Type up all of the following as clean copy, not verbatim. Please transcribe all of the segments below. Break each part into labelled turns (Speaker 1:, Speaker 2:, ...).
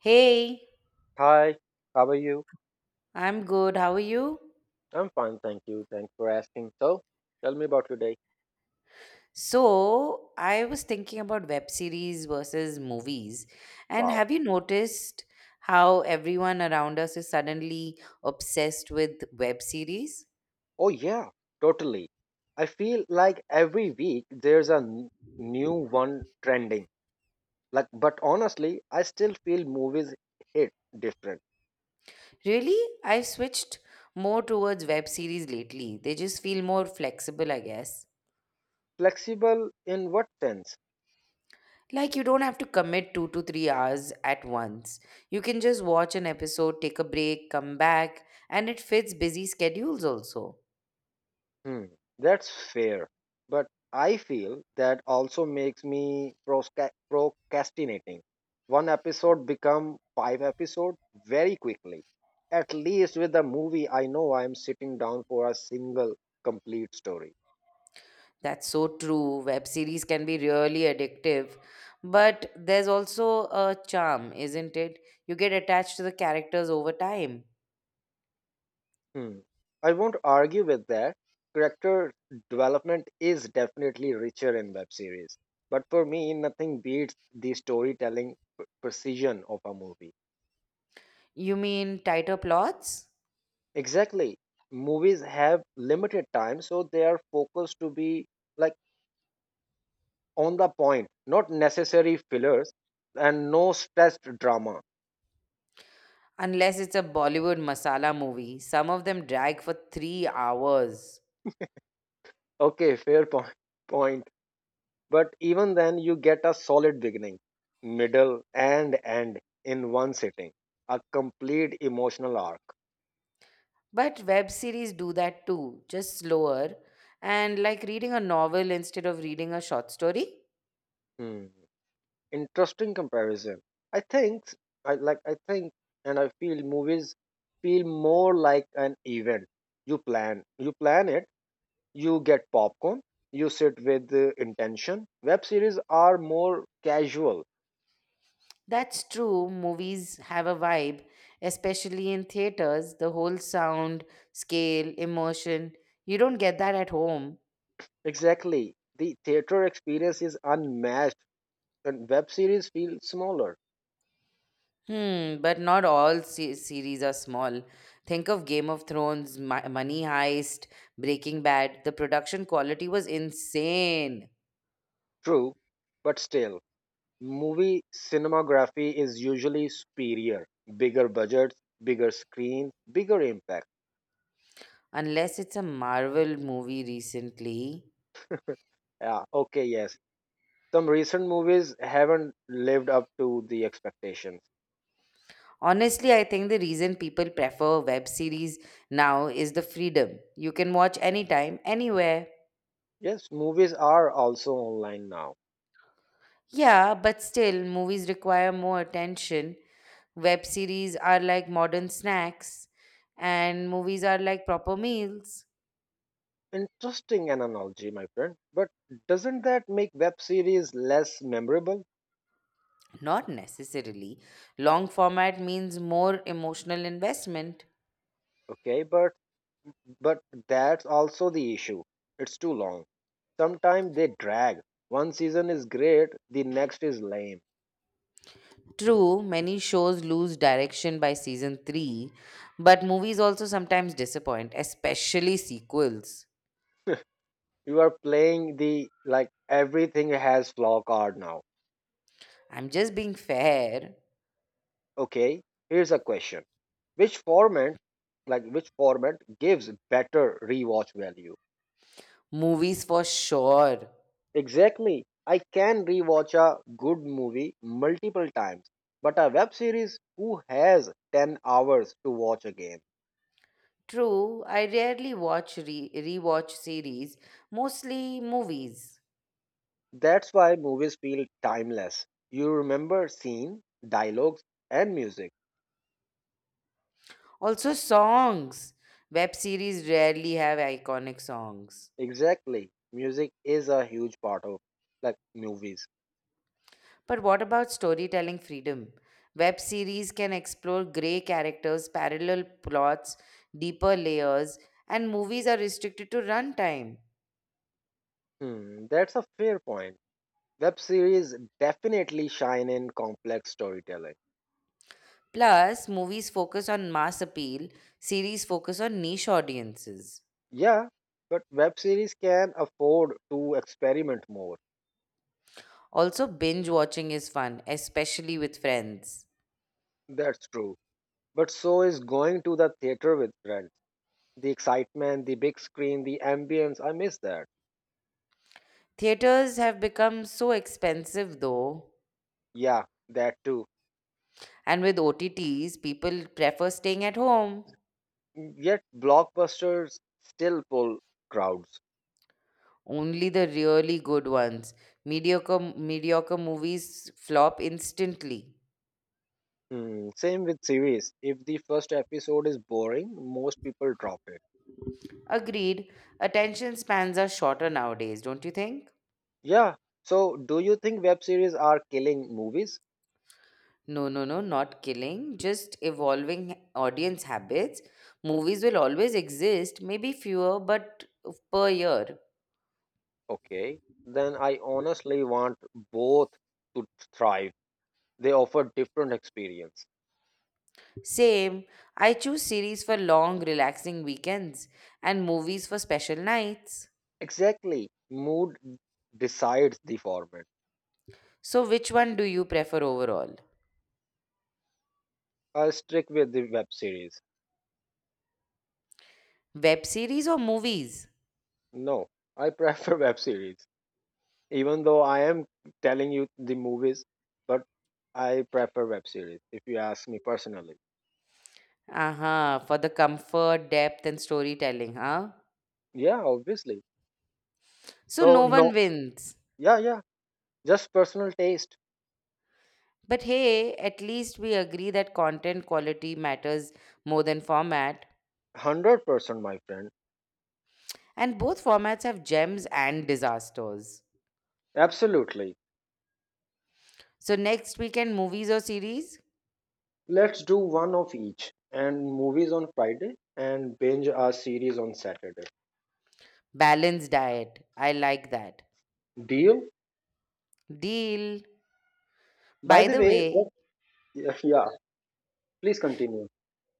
Speaker 1: Hey,
Speaker 2: Hi, how are you?
Speaker 1: I'm good. How are you?
Speaker 2: I'm fine, thank you. Thanks for asking. So, tell me about your day.
Speaker 1: So, I was thinking about web series versus movies. And
Speaker 2: Wow.
Speaker 1: have you noticed how everyone around us is suddenly obsessed with web series?
Speaker 2: Oh, yeah, totally. I feel like every week there's a new one trending. Like, but honestly, I still feel movies hit different.
Speaker 1: Really? I've switched more towards web series lately. They just feel more flexible, I guess.
Speaker 2: Flexible in what sense?
Speaker 1: Like you don't have to commit two to three hours at once. You can just watch an episode, take a break, come back, and it fits busy schedules also.
Speaker 2: Hmm, that's fair. But I feel that also makes me procrastinating. One episode become five episodes very quickly. At least with the movie, I know I am sitting down for a single complete story.
Speaker 1: That's so true. Web series can be really addictive, but there's also a charm, isn't it? You get attached to the characters over time.
Speaker 2: Hmm. I won't argue with that. Character development is definitely richer in web series. But for me, nothing beats the storytelling precision of a movie.
Speaker 1: You mean tighter plots?
Speaker 2: Exactly. Movies have limited time, so they are focused to be like on the point, not necessary fillers and no stressed drama.
Speaker 1: Unless it's a Bollywood masala movie, some of them drag for three hours.
Speaker 2: Okay, fair point. Point. But even then, you get a solid beginning, middle, and end in one sitting. A complete emotional arc.
Speaker 1: But web series do that too, just slower and like reading a novel instead of reading a short story.
Speaker 2: Hmm. Interesting comparison. I think I like. I think and I feel movies feel more like an event. You plan it, you get popcorn, you sit with intention. Web series are more casual.
Speaker 1: That's true. Movies have a vibe, especially in theaters. The whole sound, scale, emotion. You don't get that at home.
Speaker 2: Exactly, the theater experience is unmatched, and web series feel smaller.
Speaker 1: Hmm, but not all series are small. Think of Game of Thrones, Money Heist, Breaking Bad. The production quality was insane.
Speaker 2: True, but still, movie cinematography is usually superior. Bigger budgets, bigger screen, bigger impact.
Speaker 1: Unless it's a Marvel movie recently.
Speaker 2: Yeah, okay, yes, some recent movies haven't lived up to the expectations.
Speaker 1: Honestly, I think the reason people prefer web series now is the freedom. You can watch anytime, anywhere.
Speaker 2: Yes, movies are also online now.
Speaker 1: Yeah, but still, movies require more attention. Web series are like modern snacks, and movies are like proper meals.
Speaker 2: Interesting analogy, my friend. But doesn't that make web series less memorable?
Speaker 1: Not necessarily. Long format means more emotional investment.
Speaker 2: Okay, but that's also the issue. It's too long. Sometimes they drag. One season is great, the next is lame.
Speaker 1: True, many shows lose direction by season 3, but movies also sometimes disappoint, especially sequels.
Speaker 2: You are playing the like everything has flaw card now.
Speaker 1: I'm just being fair.
Speaker 2: Okay, here's a question. Which format which format gives better rewatch value?
Speaker 1: Movies for sure.
Speaker 2: Exactly. I can rewatch a good movie multiple times, but a web series who has 10 hours to watch again?
Speaker 1: True, I rarely rewatch series, mostly movies.
Speaker 2: That's why movies feel timeless. You remember scene, dialogues, and music.
Speaker 1: Also songs. Web series rarely have iconic songs.
Speaker 2: Exactly. Music is a huge part of like movies.
Speaker 1: But what about storytelling freedom? Web series can explore grey characters, parallel plots, deeper layers, and movies are restricted to runtime.
Speaker 2: Hmm, that's a fair point. Web series definitely shine in complex storytelling.
Speaker 1: Plus, movies focus on mass appeal, series focus on niche audiences.
Speaker 2: Yeah, but web series can afford to experiment more.
Speaker 1: Also, binge watching is fun, especially with friends.
Speaker 2: That's true. But so is going to the theater with friends. The excitement, the big screen, the ambience, I miss that.
Speaker 1: Theaters have become so expensive though,
Speaker 2: Yeah, that too.
Speaker 1: and with OTTs, people prefer staying at home.
Speaker 2: Yet blockbusters still pull crowds.
Speaker 1: Only the really good ones. Mediocre movies flop instantly.
Speaker 2: Hmm, same with series. If the first episode is boring, most people drop it.
Speaker 1: Agreed. Attention spans are shorter nowadays, don't you think?
Speaker 2: Yeah. So, do you think web series are killing movies?
Speaker 1: No, no, no, not killing, just evolving audience habits. Movies will always exist, maybe fewer, but per year.
Speaker 2: Okay. Then I honestly want both to thrive. They offer different experience.
Speaker 1: Same, I choose series for long, relaxing weekends and movies for special nights.
Speaker 2: Exactly. Mood decides the format.
Speaker 1: So, which one do you prefer overall?
Speaker 2: I stick with the web series.
Speaker 1: Web series or movies?
Speaker 2: No, I prefer web series. Even though I am telling you the movies, but I prefer web series if you ask me personally.
Speaker 1: Uh-huh, for the comfort, depth, and storytelling, huh?
Speaker 2: Yeah, obviously.
Speaker 1: So,
Speaker 2: So
Speaker 1: no one
Speaker 2: no,
Speaker 1: wins.
Speaker 2: yeah, yeah. Just personal taste.
Speaker 1: But hey, at least we agree that content quality matters more than format.
Speaker 2: 100% my friend.
Speaker 1: And both formats have gems and disasters.
Speaker 2: Absolutely.
Speaker 1: So, next weekend, movies or series?
Speaker 2: Let's do one of each and movies on Friday and binge our series on Saturday.
Speaker 1: Balanced diet. I like that.
Speaker 2: Deal?
Speaker 1: Deal.
Speaker 2: By
Speaker 1: By
Speaker 2: the
Speaker 1: the
Speaker 2: way, what
Speaker 1: way,
Speaker 2: yeah, please continue.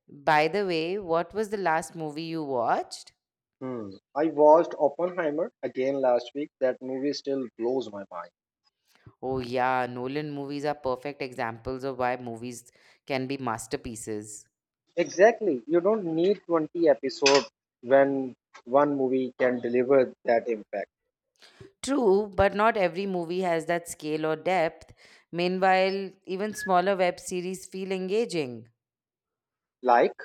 Speaker 1: by the way, what was the last movie you watched?
Speaker 2: Hmm. I watched Oppenheimer again last week. That movie still blows my mind.
Speaker 1: Oh yeah, Nolan movies are perfect examples of why movies can be masterpieces.
Speaker 2: Exactly. You don't need 20 episodes when one movie can deliver that impact.
Speaker 1: True, but not every movie has that scale or depth. Meanwhile, even smaller web series feel engaging.
Speaker 2: Like,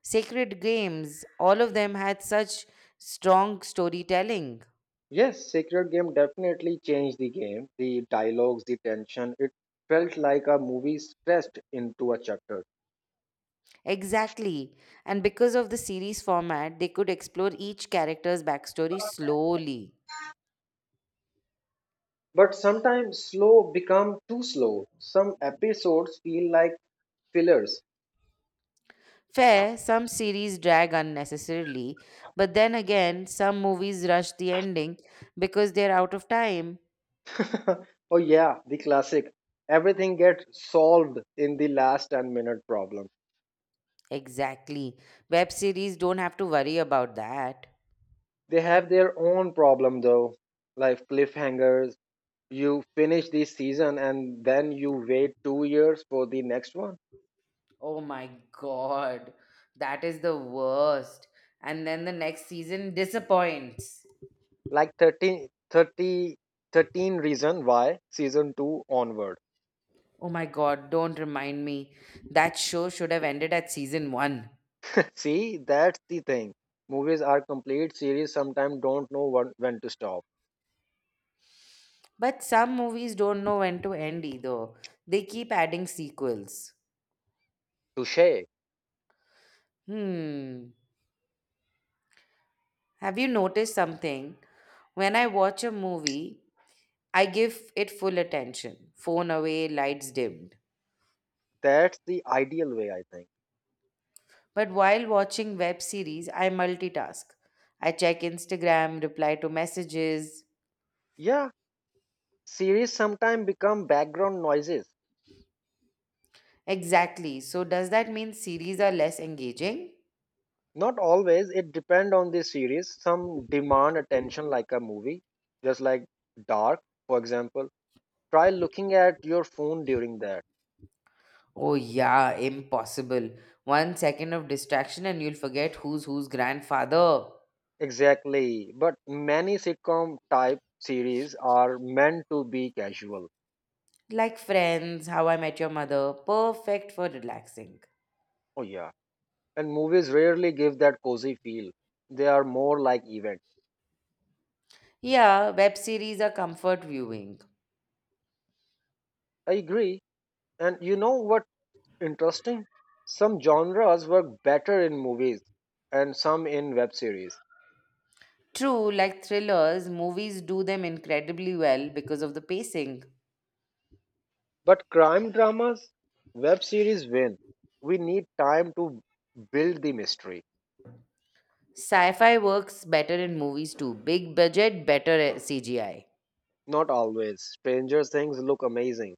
Speaker 1: Sacred Games, all of them had such strong storytelling.
Speaker 2: yes, Sacred Game definitely changed the game. The dialogues, the tension, it felt like a movie stretched into a chapter.
Speaker 1: Exactly. And because of the series format, they could explore each character's backstory slowly.
Speaker 2: But sometimes slow become too slow. Some episodes feel like fillers.
Speaker 1: Fair, some series drag unnecessarily, but then again, some movies rush the ending because they're out of time.
Speaker 2: Oh yeah, the classic. Everything gets solved in the last 10-minute problem.
Speaker 1: Exactly. Web series don't have to worry about that.
Speaker 2: They have their own problem though, like cliffhangers. You finish this season and then you wait 2 years for the next one.
Speaker 1: Oh my god, that is the worst. And then the next season disappoints.
Speaker 2: Like 13 30 reason why season 2 onward.
Speaker 1: Oh my god, don't remind me. That show should have ended at season 1.
Speaker 2: See, that's the thing. Movies are complete series sometimes don't know when to stop.
Speaker 1: But some movies don't know when to end either, they keep adding sequels.
Speaker 2: Touche.
Speaker 1: Hmm. Have you noticed something? When I watch a movie, I give it full attention, phone away, lights dimmed.
Speaker 2: That's the ideal way I think.
Speaker 1: But while watching web series, I multitask. I check Instagram, reply to messages.
Speaker 2: Yeah, series sometimes become background noises.
Speaker 1: Exactly. So, does that mean series are less engaging?
Speaker 2: Not always, it depends on the series. Some demand attention like a movie, just like Dark, for example. Try looking at your phone during that.
Speaker 1: Oh, yeah, impossible. One second of distraction and you'll forget who's whose grandfather.
Speaker 2: Exactly. But many sitcom type series are meant to be casual.
Speaker 1: Like Friends, How I Met Your Mother, perfect for relaxing.
Speaker 2: Oh yeah. And movies rarely give that cozy feel. They are more like event.
Speaker 1: Yeah, web series are comfort viewing.
Speaker 2: I agree. And you know what interesting. Some genres work better in movies and some in web series.
Speaker 1: True, like thrillers, movies do them incredibly well because of the pacing.
Speaker 2: But crime dramas, web series win. We need time to build the mystery.
Speaker 1: Sci fi works better in movies too. Big budget, better CGI.
Speaker 2: Not always. Stranger Things look amazing.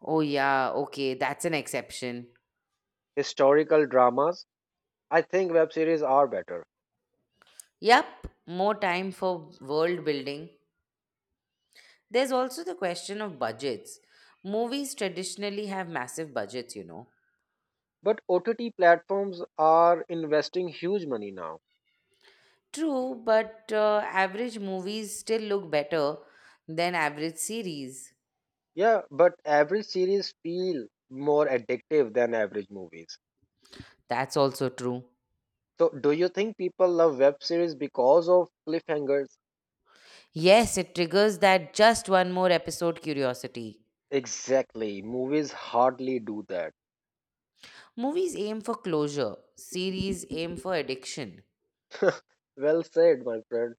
Speaker 1: Oh, yeah, okay, that's an exception.
Speaker 2: Historical dramas, I think web series are better.
Speaker 1: Yup, more time for world building. There's also the question of budgets. Movies traditionally have massive budgets, you know.
Speaker 2: But OTT platforms are investing huge money now.
Speaker 1: True, but average movies still look better than average series.
Speaker 2: Yeah, but average series feel more addictive than average movies.
Speaker 1: That's also true.
Speaker 2: So, do you think people love web series because of cliffhangers?
Speaker 1: Yes, it triggers that just one more episode curiosity.
Speaker 2: Exactly. Movies hardly do that.
Speaker 1: Movies aim for closure, series aim for addiction.
Speaker 2: Well said, my friend.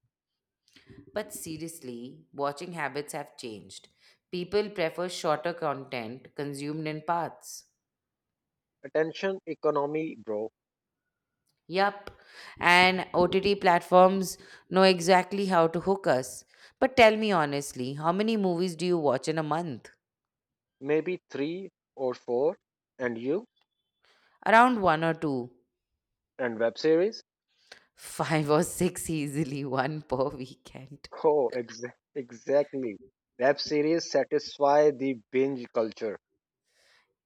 Speaker 1: But seriously, watching habits have changed. People prefer shorter content consumed in parts.
Speaker 2: Attention economy, bro.
Speaker 1: Yup. And OTT platforms know exactly how to hook us. But tell me honestly, how many movies do you watch in a month?
Speaker 2: Maybe three or four. And you?
Speaker 1: Around one or two.
Speaker 2: And web series?
Speaker 1: Five or six easily, one per weekend.
Speaker 2: Oh, exactly. Web series satisfy the binge culture.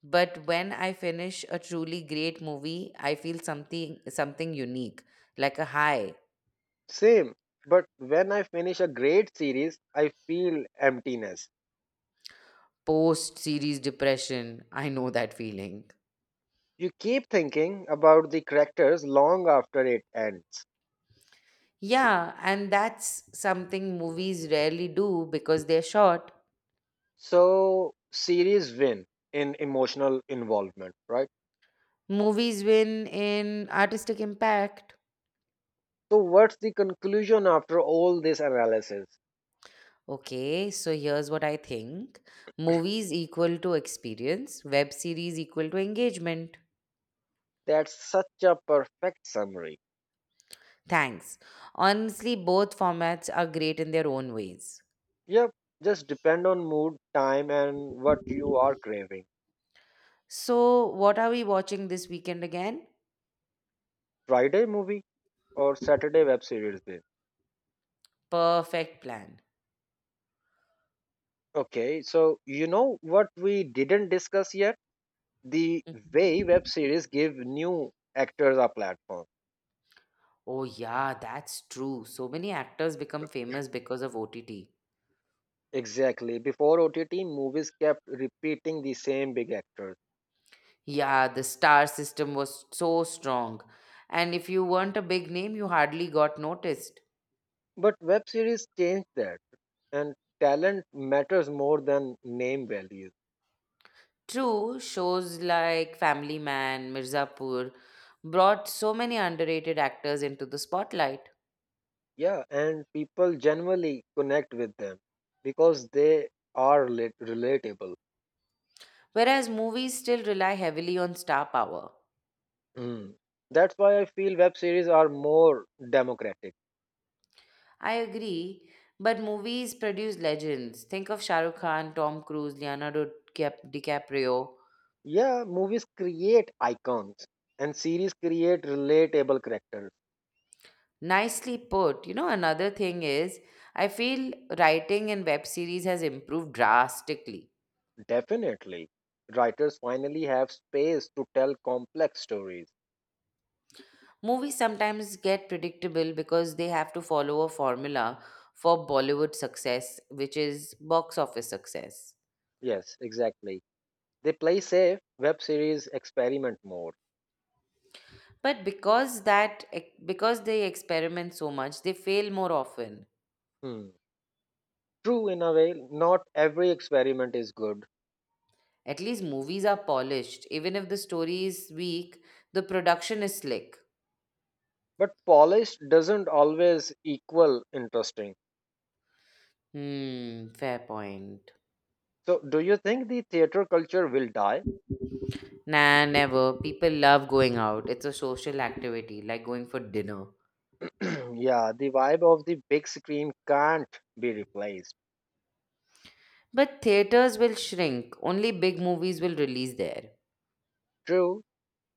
Speaker 1: But when I finish a truly great movie, I feel something unique, like a high
Speaker 2: Same. But when I finish a great series, I feel emptiness.
Speaker 1: post series depression. I know that feeling.
Speaker 2: You keep thinking about the characters long after it ends.
Speaker 1: Yeah, and that's something movies rarely do because they're short.
Speaker 2: So, series win in emotional involvement, right?
Speaker 1: Movies win in artistic impact.
Speaker 2: So, what's the conclusion after all this analysis?
Speaker 1: Okay, so here's what I think. Movies equal to experience, web series equal to engagement.
Speaker 2: That's such a perfect summary.
Speaker 1: Thanks. Honestly, both formats are great in their own ways.
Speaker 2: Yep, just depend on mood, time, and what you are craving.
Speaker 1: So, what are we watching this weekend again?
Speaker 2: Friday movie or Saturday web series day.
Speaker 1: Perfect plan.
Speaker 2: Okay, so you know what we didn't discuss yet? The way
Speaker 1: Mhm.
Speaker 2: web series give new actors a platform.
Speaker 1: Oh, yeah, that's true. So many actors become famous because of OTT.
Speaker 2: Exactly. Before OTT, movies kept repeating the same big actors.
Speaker 1: Yeah, the star system was so strong. And if you weren't a big name, you hardly got noticed.
Speaker 2: But web series changed that, and talent matters more than name value.
Speaker 1: True, shows like Family Man, Mirzapur brought so many underrated actors into the spotlight,
Speaker 2: Yeah, and people generally connect with them because they are relatable.
Speaker 1: whereas movies still rely heavily on star power.
Speaker 2: Mm. That's why I feel web series are more democratic.
Speaker 1: I agree, but movies produce legends. Think of Shah Rukh Khan, Tom Cruise, DiCaprio.
Speaker 2: Yeah, movies create icons, and series create relatable characters.
Speaker 1: Nicely put. You know, another thing is, I feel writing in web series has improved drastically.
Speaker 2: Definitely. Writers finally have space to tell complex stories.
Speaker 1: Movies sometimes get predictable because they have to follow a formula for Bollywood success, which is box office success.
Speaker 2: Yes, exactly. They play safe, web series experiment more.
Speaker 1: But because they experiment so much, they fail more often.
Speaker 2: Hmm. True, in a way, not every experiment is good,
Speaker 1: At least movies are polished. Even if the story is weak, the production is slick.
Speaker 2: but polished doesn't always equal interesting.
Speaker 1: Hmm, fair point.
Speaker 2: So, do you think the theater culture will die?
Speaker 1: Nah, never. People love going out. It's a social activity, like going for dinner.
Speaker 2: Yeah, the vibe of the big screen can't be replaced.
Speaker 1: But theaters will shrink. Only big movies will release there.
Speaker 2: True,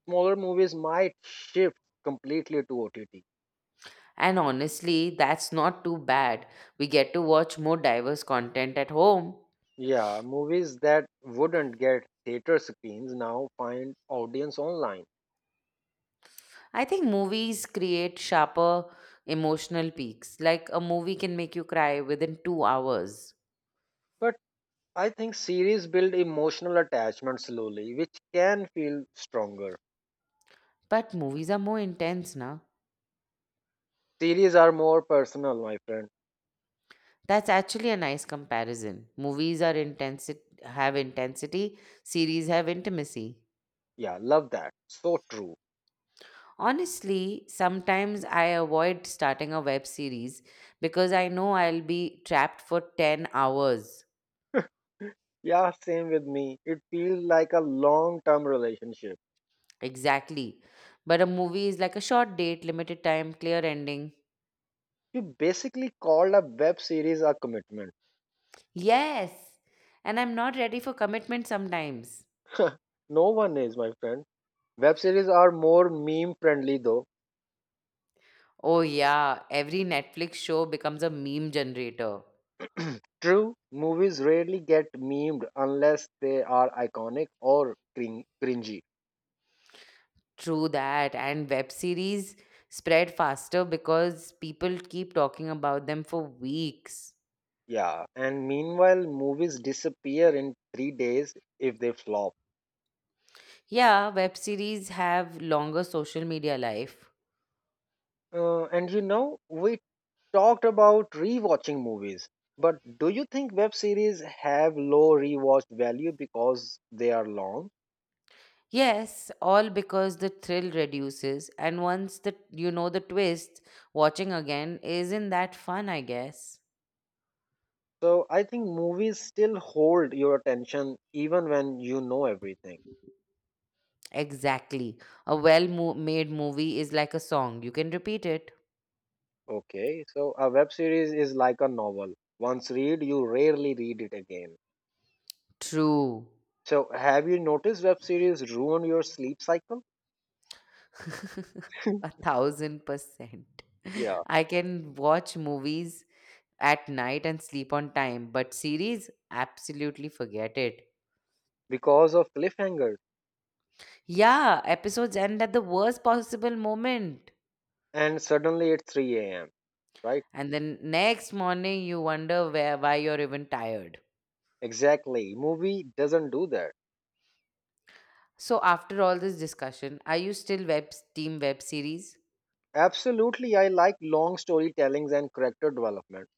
Speaker 2: smaller movies might shift completely to OTT.
Speaker 1: And honestly, that's not too bad. We get to watch more diverse content at home.
Speaker 2: Yeah, movies that wouldn't get theater screens now find audience online.
Speaker 1: I think movies create sharper emotional peaks. Like a movie can make you cry within two hours.
Speaker 2: But I think series build emotional attachment slowly, which can feel stronger.
Speaker 1: But movies are more intense now.
Speaker 2: Series are more personal, my friend.
Speaker 1: That's actually a nice comparison. Movies are have intensity, series have intimacy.
Speaker 2: Yeah, love that. So true.
Speaker 1: Honestly, sometimes I avoid starting a web series because I know I'll be trapped for 10 hours.
Speaker 2: Yeah, same with me. It feels like a long term relationship.
Speaker 1: Exactly. But a movie is like a short date, limited time, clear ending.
Speaker 2: You basically called a web series a commitment.
Speaker 1: Yes. And I'm not ready for commitment sometimes.
Speaker 2: No one is, my friend. Web series are more meme friendly though.
Speaker 1: Oh, yeah. Every Netflix show becomes a meme generator.
Speaker 2: True, movies rarely get memed unless they are iconic or cringy.
Speaker 1: True that. And web series spread faster because people keep talking about them for weeks.
Speaker 2: Yeah, and meanwhile, movies disappear in 3 days if they flop.
Speaker 1: Yeah, web series have longer social media life.
Speaker 2: And we talked about rewatching movies, but do you think web series have low rewatch value because they are long?
Speaker 1: Yes, all because the thrill reduces and once the the twist, watching again isn't that fun, I guess.
Speaker 2: So I think movies still hold your attention even when you know everything.
Speaker 1: Exactly. A well-made movie is like a song. You can repeat it.
Speaker 2: Okay, so a web series is like a novel. Once read, you rarely read it again.
Speaker 1: True.
Speaker 2: So have you noticed web series ruin your sleep cycle?
Speaker 1: A thousand percent.
Speaker 2: Yeah,
Speaker 1: I can watch movies at night and sleep on time. But series, absolutely forget it.
Speaker 2: because of cliffhangers
Speaker 1: Yeah, episodes end at the worst possible moment.
Speaker 2: and suddenly it's 3 a.m., right?
Speaker 1: And then next morning, you wonder where, why you're even tired.
Speaker 2: Exactly. Movie doesn't do that.
Speaker 1: So, after all this discussion, are you team web series?
Speaker 2: Absolutely, I like long storytellings and character development.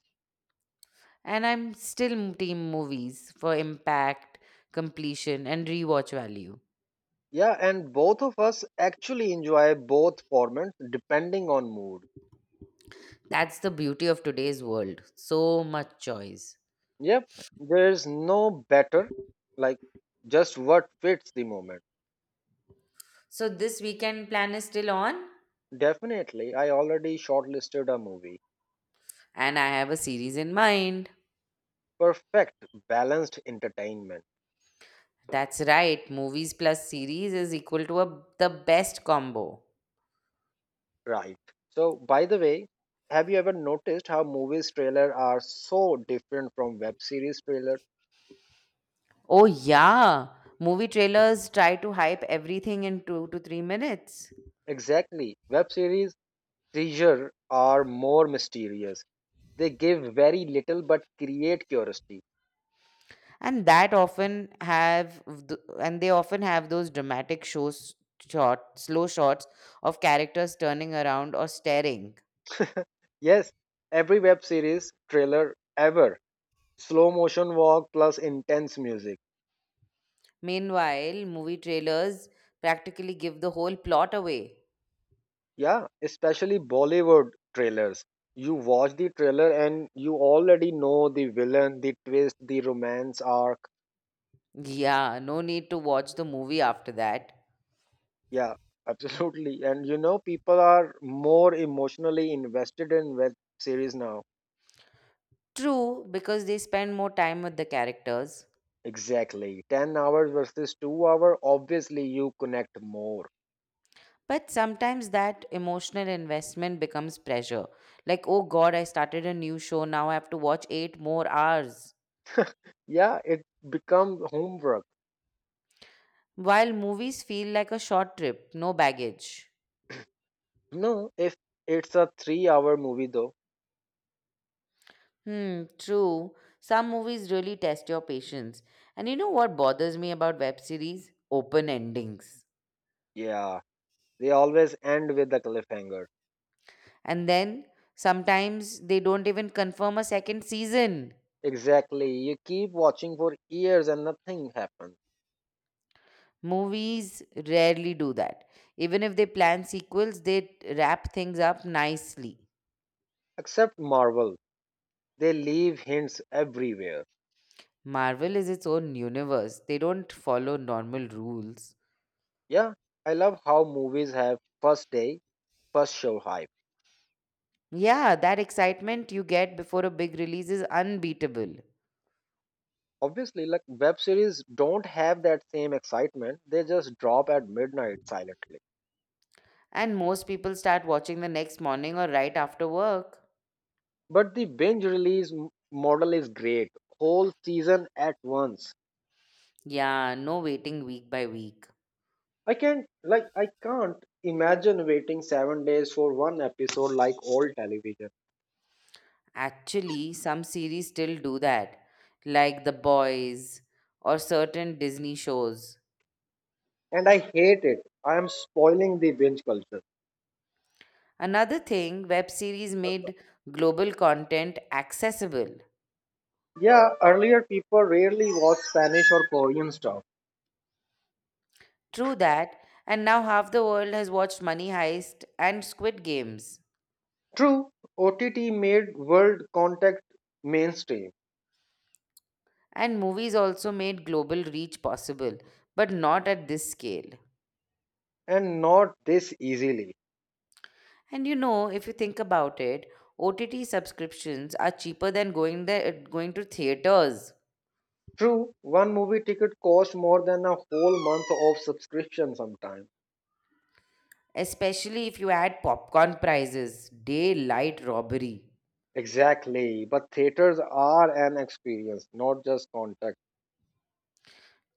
Speaker 1: And I'm still team movies for impact, completion, and rewatch value.
Speaker 2: Yeah, and both of us actually enjoy both formats depending on mood.
Speaker 1: That's the beauty of today's world. So much choice.
Speaker 2: Yep, there's no better, like just what fits the moment.
Speaker 1: So, this weekend plan is still on,
Speaker 2: Definitely, I already shortlisted a movie.
Speaker 1: and I have a series in mind.
Speaker 2: Perfect, balanced entertainment,
Speaker 1: That's right. Movies plus series is equal to a, the best combo.
Speaker 2: right? So, by the way, have you ever noticed how movies trailer are so different from web series trailer?
Speaker 1: Oh, yeah. Movie trailers try to hype everything in two to three minutes.
Speaker 2: Exactly. Web series treasure are more mysterious. They give very little but create curiosity.
Speaker 1: And that often have, th- and they often have those dramatic shows, short, slow shots of characters turning around or staring.
Speaker 2: Yes, every web series trailer ever. Slow motion walk plus intense music.
Speaker 1: Meanwhile, movie trailers practically give the whole plot away.
Speaker 2: Yeah, especially Bollywood trailers. You watch the trailer and you already know the villain, the twist, the romance arc.
Speaker 1: Yeah, no need to watch the movie after that.
Speaker 2: Yeah, absolutely. And people are more emotionally invested in web series now.
Speaker 1: True, because they spend more time with the characters.
Speaker 2: Exactly. 10 hours versus 2-hour, obviously you connect more.
Speaker 1: But sometimes that emotional investment becomes pressure. Like, oh God, I started a new show, now I have to watch eight more hours.
Speaker 2: Yeah, it becomes homework.
Speaker 1: While movies feel like a short trip, no baggage.
Speaker 2: No, if it's a 3-hour movie though,
Speaker 1: Hmm, true. Some movies really test your patience. And you know what bothers me about web series? Open endings.
Speaker 2: yeah, they always end with a cliffhanger.
Speaker 1: And then sometimes they don't even confirm a second season.
Speaker 2: Exactly. You keep watching for years and nothing happens.
Speaker 1: Movies rarely do that. Even if they plan sequels, they wrap things up nicely.
Speaker 2: Except Marvel. They leave hints everywhere.
Speaker 1: Marvel is its own universe. They don't follow normal rules.
Speaker 2: Yeah, I love how movies have first day, first show hype.
Speaker 1: Yeah, that excitement you get before a big release is unbeatable.
Speaker 2: Obviously, like web series don't have that same excitement. They just drop at midnight silently.
Speaker 1: And most people start watching the next morning or right after work.
Speaker 2: But the binge release model is great. Whole season at once.
Speaker 1: Yeah, no waiting week by week.
Speaker 2: I can't imagine waiting 7 days for one episode like old television.
Speaker 1: Actually, some series still do that, like The Boys or certain Disney shows.
Speaker 2: And I hate it. I am spoiling the binge culture.
Speaker 1: Another thing, web series made global content accessible.
Speaker 2: Yeah, earlier people rarely watched Spanish or Korean stuff.
Speaker 1: True that, and now half the world has watched Money Heist and Squid Games.
Speaker 2: True, OTT made world contact mainstream
Speaker 1: And movies also made global reach possible, but not at this scale.
Speaker 2: and not this easily.
Speaker 1: And you know, if you think about it, OTT subscriptions are cheaper than going to theaters,
Speaker 2: True, one movie ticket costs more than a whole month of subscription sometimes.
Speaker 1: especially if you add popcorn prices, daylight robbery.
Speaker 2: Exactly. But theaters are an experience, not just contact.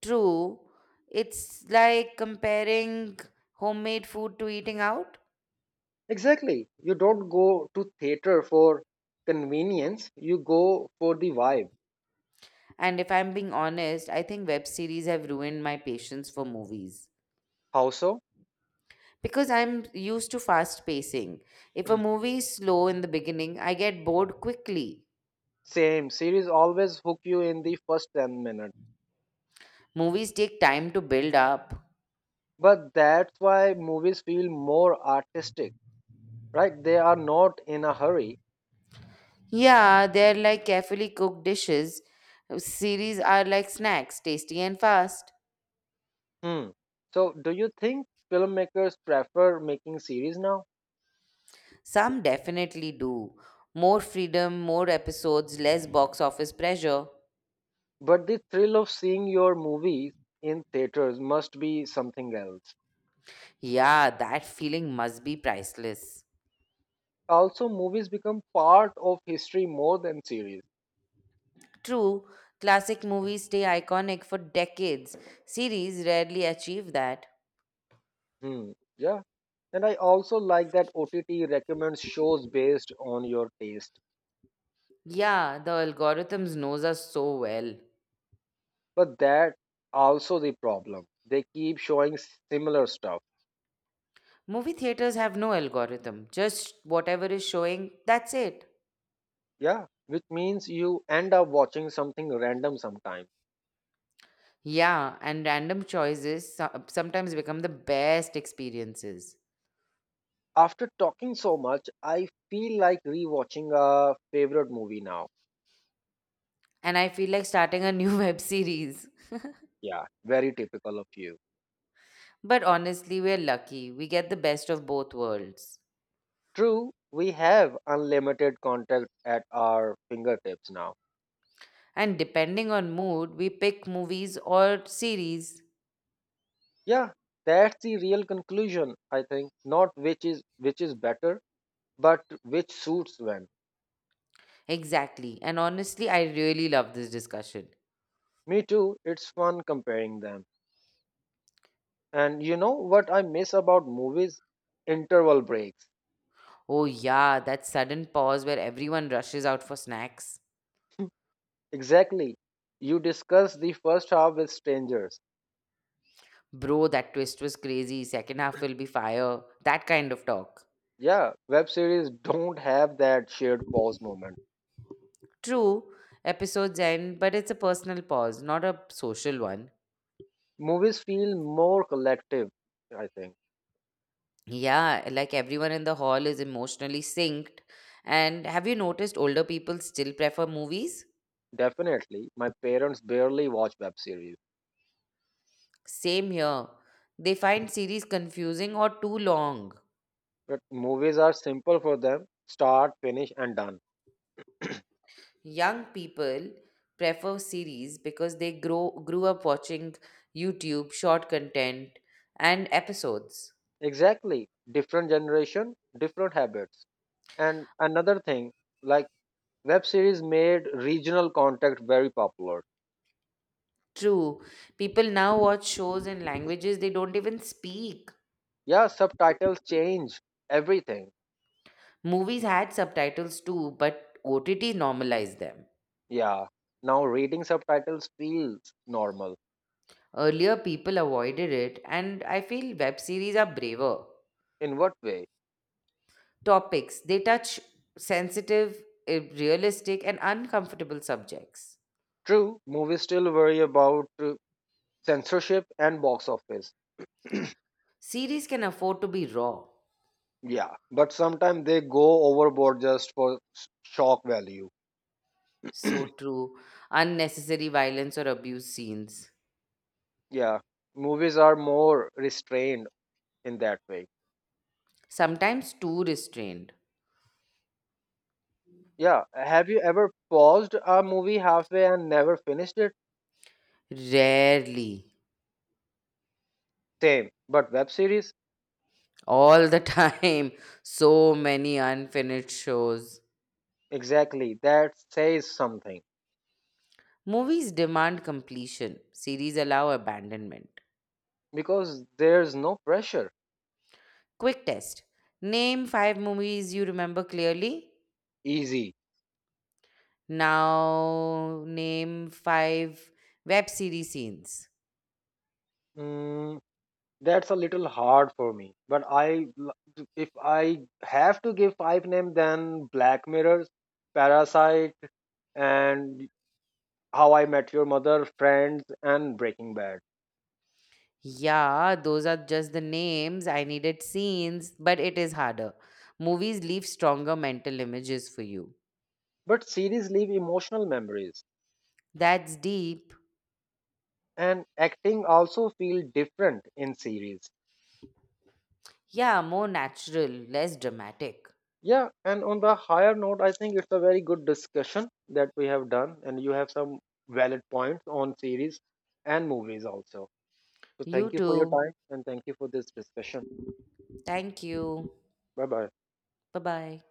Speaker 1: True, it's like comparing homemade food to eating out.
Speaker 2: Exactly. You don't go to theater for convenience, you go for the vibe.
Speaker 1: And if I'm being honest, I think web series have ruined my patience for movies
Speaker 2: How so?
Speaker 1: because I'm used to fast pacing. If a movie is slow in the beginning, I get bored quickly.
Speaker 2: Same series always hook you in the first 10 minutes.
Speaker 1: Movies take time to build up.
Speaker 2: But that's why movies feel more artistic, right? They are not in a hurry.
Speaker 1: Yeah, they're like carefully cooked dishes. Series are like snacks, tasty and fast.
Speaker 2: Hmm. So, do you think filmmakers prefer making series now?
Speaker 1: Some definitely do. More freedom, more episodes, less box office pressure.
Speaker 2: But the thrill of seeing your movies in theaters must be something else.
Speaker 1: Yeah, that feeling must be priceless.
Speaker 2: Also movies become part of history more than series.
Speaker 1: True, classic movies stay iconic for decades. Series rarely achieve that.
Speaker 2: Hmm. Yeah, and I also like that OTT recommends shows based on your taste,
Speaker 1: Yeah, the algorithms knows us so well.
Speaker 2: but that also the problem, they keep showing similar stuff.
Speaker 1: Movie theaters have no algorithm, just whatever is showing, that's it.
Speaker 2: Yeah, which means you end up watching something random sometime.
Speaker 1: Yeah, and random choices sometimes become the best experiences.
Speaker 2: After talking so much I feel like rewatching a favorite movie now.
Speaker 1: And I feel like starting a new web series.
Speaker 2: Yeah, very typical of you.
Speaker 1: But honestly, we're lucky. We get the best of both worlds.
Speaker 2: True, we have unlimited contact at our fingertips now.
Speaker 1: And depending on mood, we pick movies or series.
Speaker 2: Yeah, that's the real conclusion, I think. Not which is better, but which suits when.
Speaker 1: Exactly. And honestly, I really love this discussion.
Speaker 2: Me too, it's fun comparing them. And you know what I miss about movies? Interval breaks.
Speaker 1: Oh, yeah, that sudden pause where everyone rushes out for snacks.
Speaker 2: Exactly. You discuss the first half with strangers.
Speaker 1: Bro, that twist was crazy. Second half will be fire. That kind of talk.
Speaker 2: Yeah, web series don't have that shared pause moment.
Speaker 1: True, episodes end, but it's a personal pause, not a social one.
Speaker 2: Movies feel more collective, I think.
Speaker 1: Yeah, like everyone in the hall is emotionally synced. And have you noticed older people still prefer movies?
Speaker 2: Definitely. My parents barely watch web series.
Speaker 1: Same here. They find series confusing or too long.
Speaker 2: But movies are simple for them. Start, finish, and done.
Speaker 1: Young people prefer series because they grow grew up watching YouTube short content and episodes.
Speaker 2: Exactly. Different generation, different habits. And another thing, like web series made regional content very popular.
Speaker 1: True, people now watch shows in languages they don't even speak.
Speaker 2: Yeah, subtitles change everything.
Speaker 1: Movies had subtitles too, but OTT normalized them.
Speaker 2: Yeah. Now reading subtitles feels normal.
Speaker 1: Earlier, people avoided it, and I feel web series are braver.
Speaker 2: In what way?
Speaker 1: Topics they touch sensitive, realistic, and uncomfortable subjects.
Speaker 2: True, movies still worry about censorship and box office.
Speaker 1: Series can afford to be raw.
Speaker 2: Yeah, but sometimes they go overboard just for shock value.
Speaker 1: So true. Unnecessary violence or abuse scenes.
Speaker 2: Yeah, movies are more restrained in that way.
Speaker 1: Sometimes too restrained.
Speaker 2: Yeah, have you ever paused a movie halfway and never finished it?
Speaker 1: Rarely.
Speaker 2: Same. But web series?
Speaker 1: All the time. So many unfinished shows.
Speaker 2: Exactly. That says something.
Speaker 1: Movies demand completion, series allow abandonment.
Speaker 2: Because there's no pressure.
Speaker 1: Quick test. Name five movies you remember clearly.
Speaker 2: Easy.
Speaker 1: Now, name five web series scenes.
Speaker 2: Mm, that's a little hard for me. But if I have to give five names then Black Mirrors, Parasite and How I Met Your Mother, Friends and Breaking Bad.
Speaker 1: Yeah, those are just the names. I needed scenes, but it is harder. Movies leave stronger mental images for you.
Speaker 2: But series leave emotional memories
Speaker 1: That's deep.
Speaker 2: and acting also feel different in series.
Speaker 1: Yeah, more natural, less dramatic.
Speaker 2: Yeah, and on the higher note, I think it's a very good discussion that we have done, and you have some valid points on series and movies also. So
Speaker 1: You
Speaker 2: thank you for your
Speaker 1: too.
Speaker 2: time and thank you for this discussion.
Speaker 1: Thank you.
Speaker 2: Bye bye.
Speaker 1: Bye bye.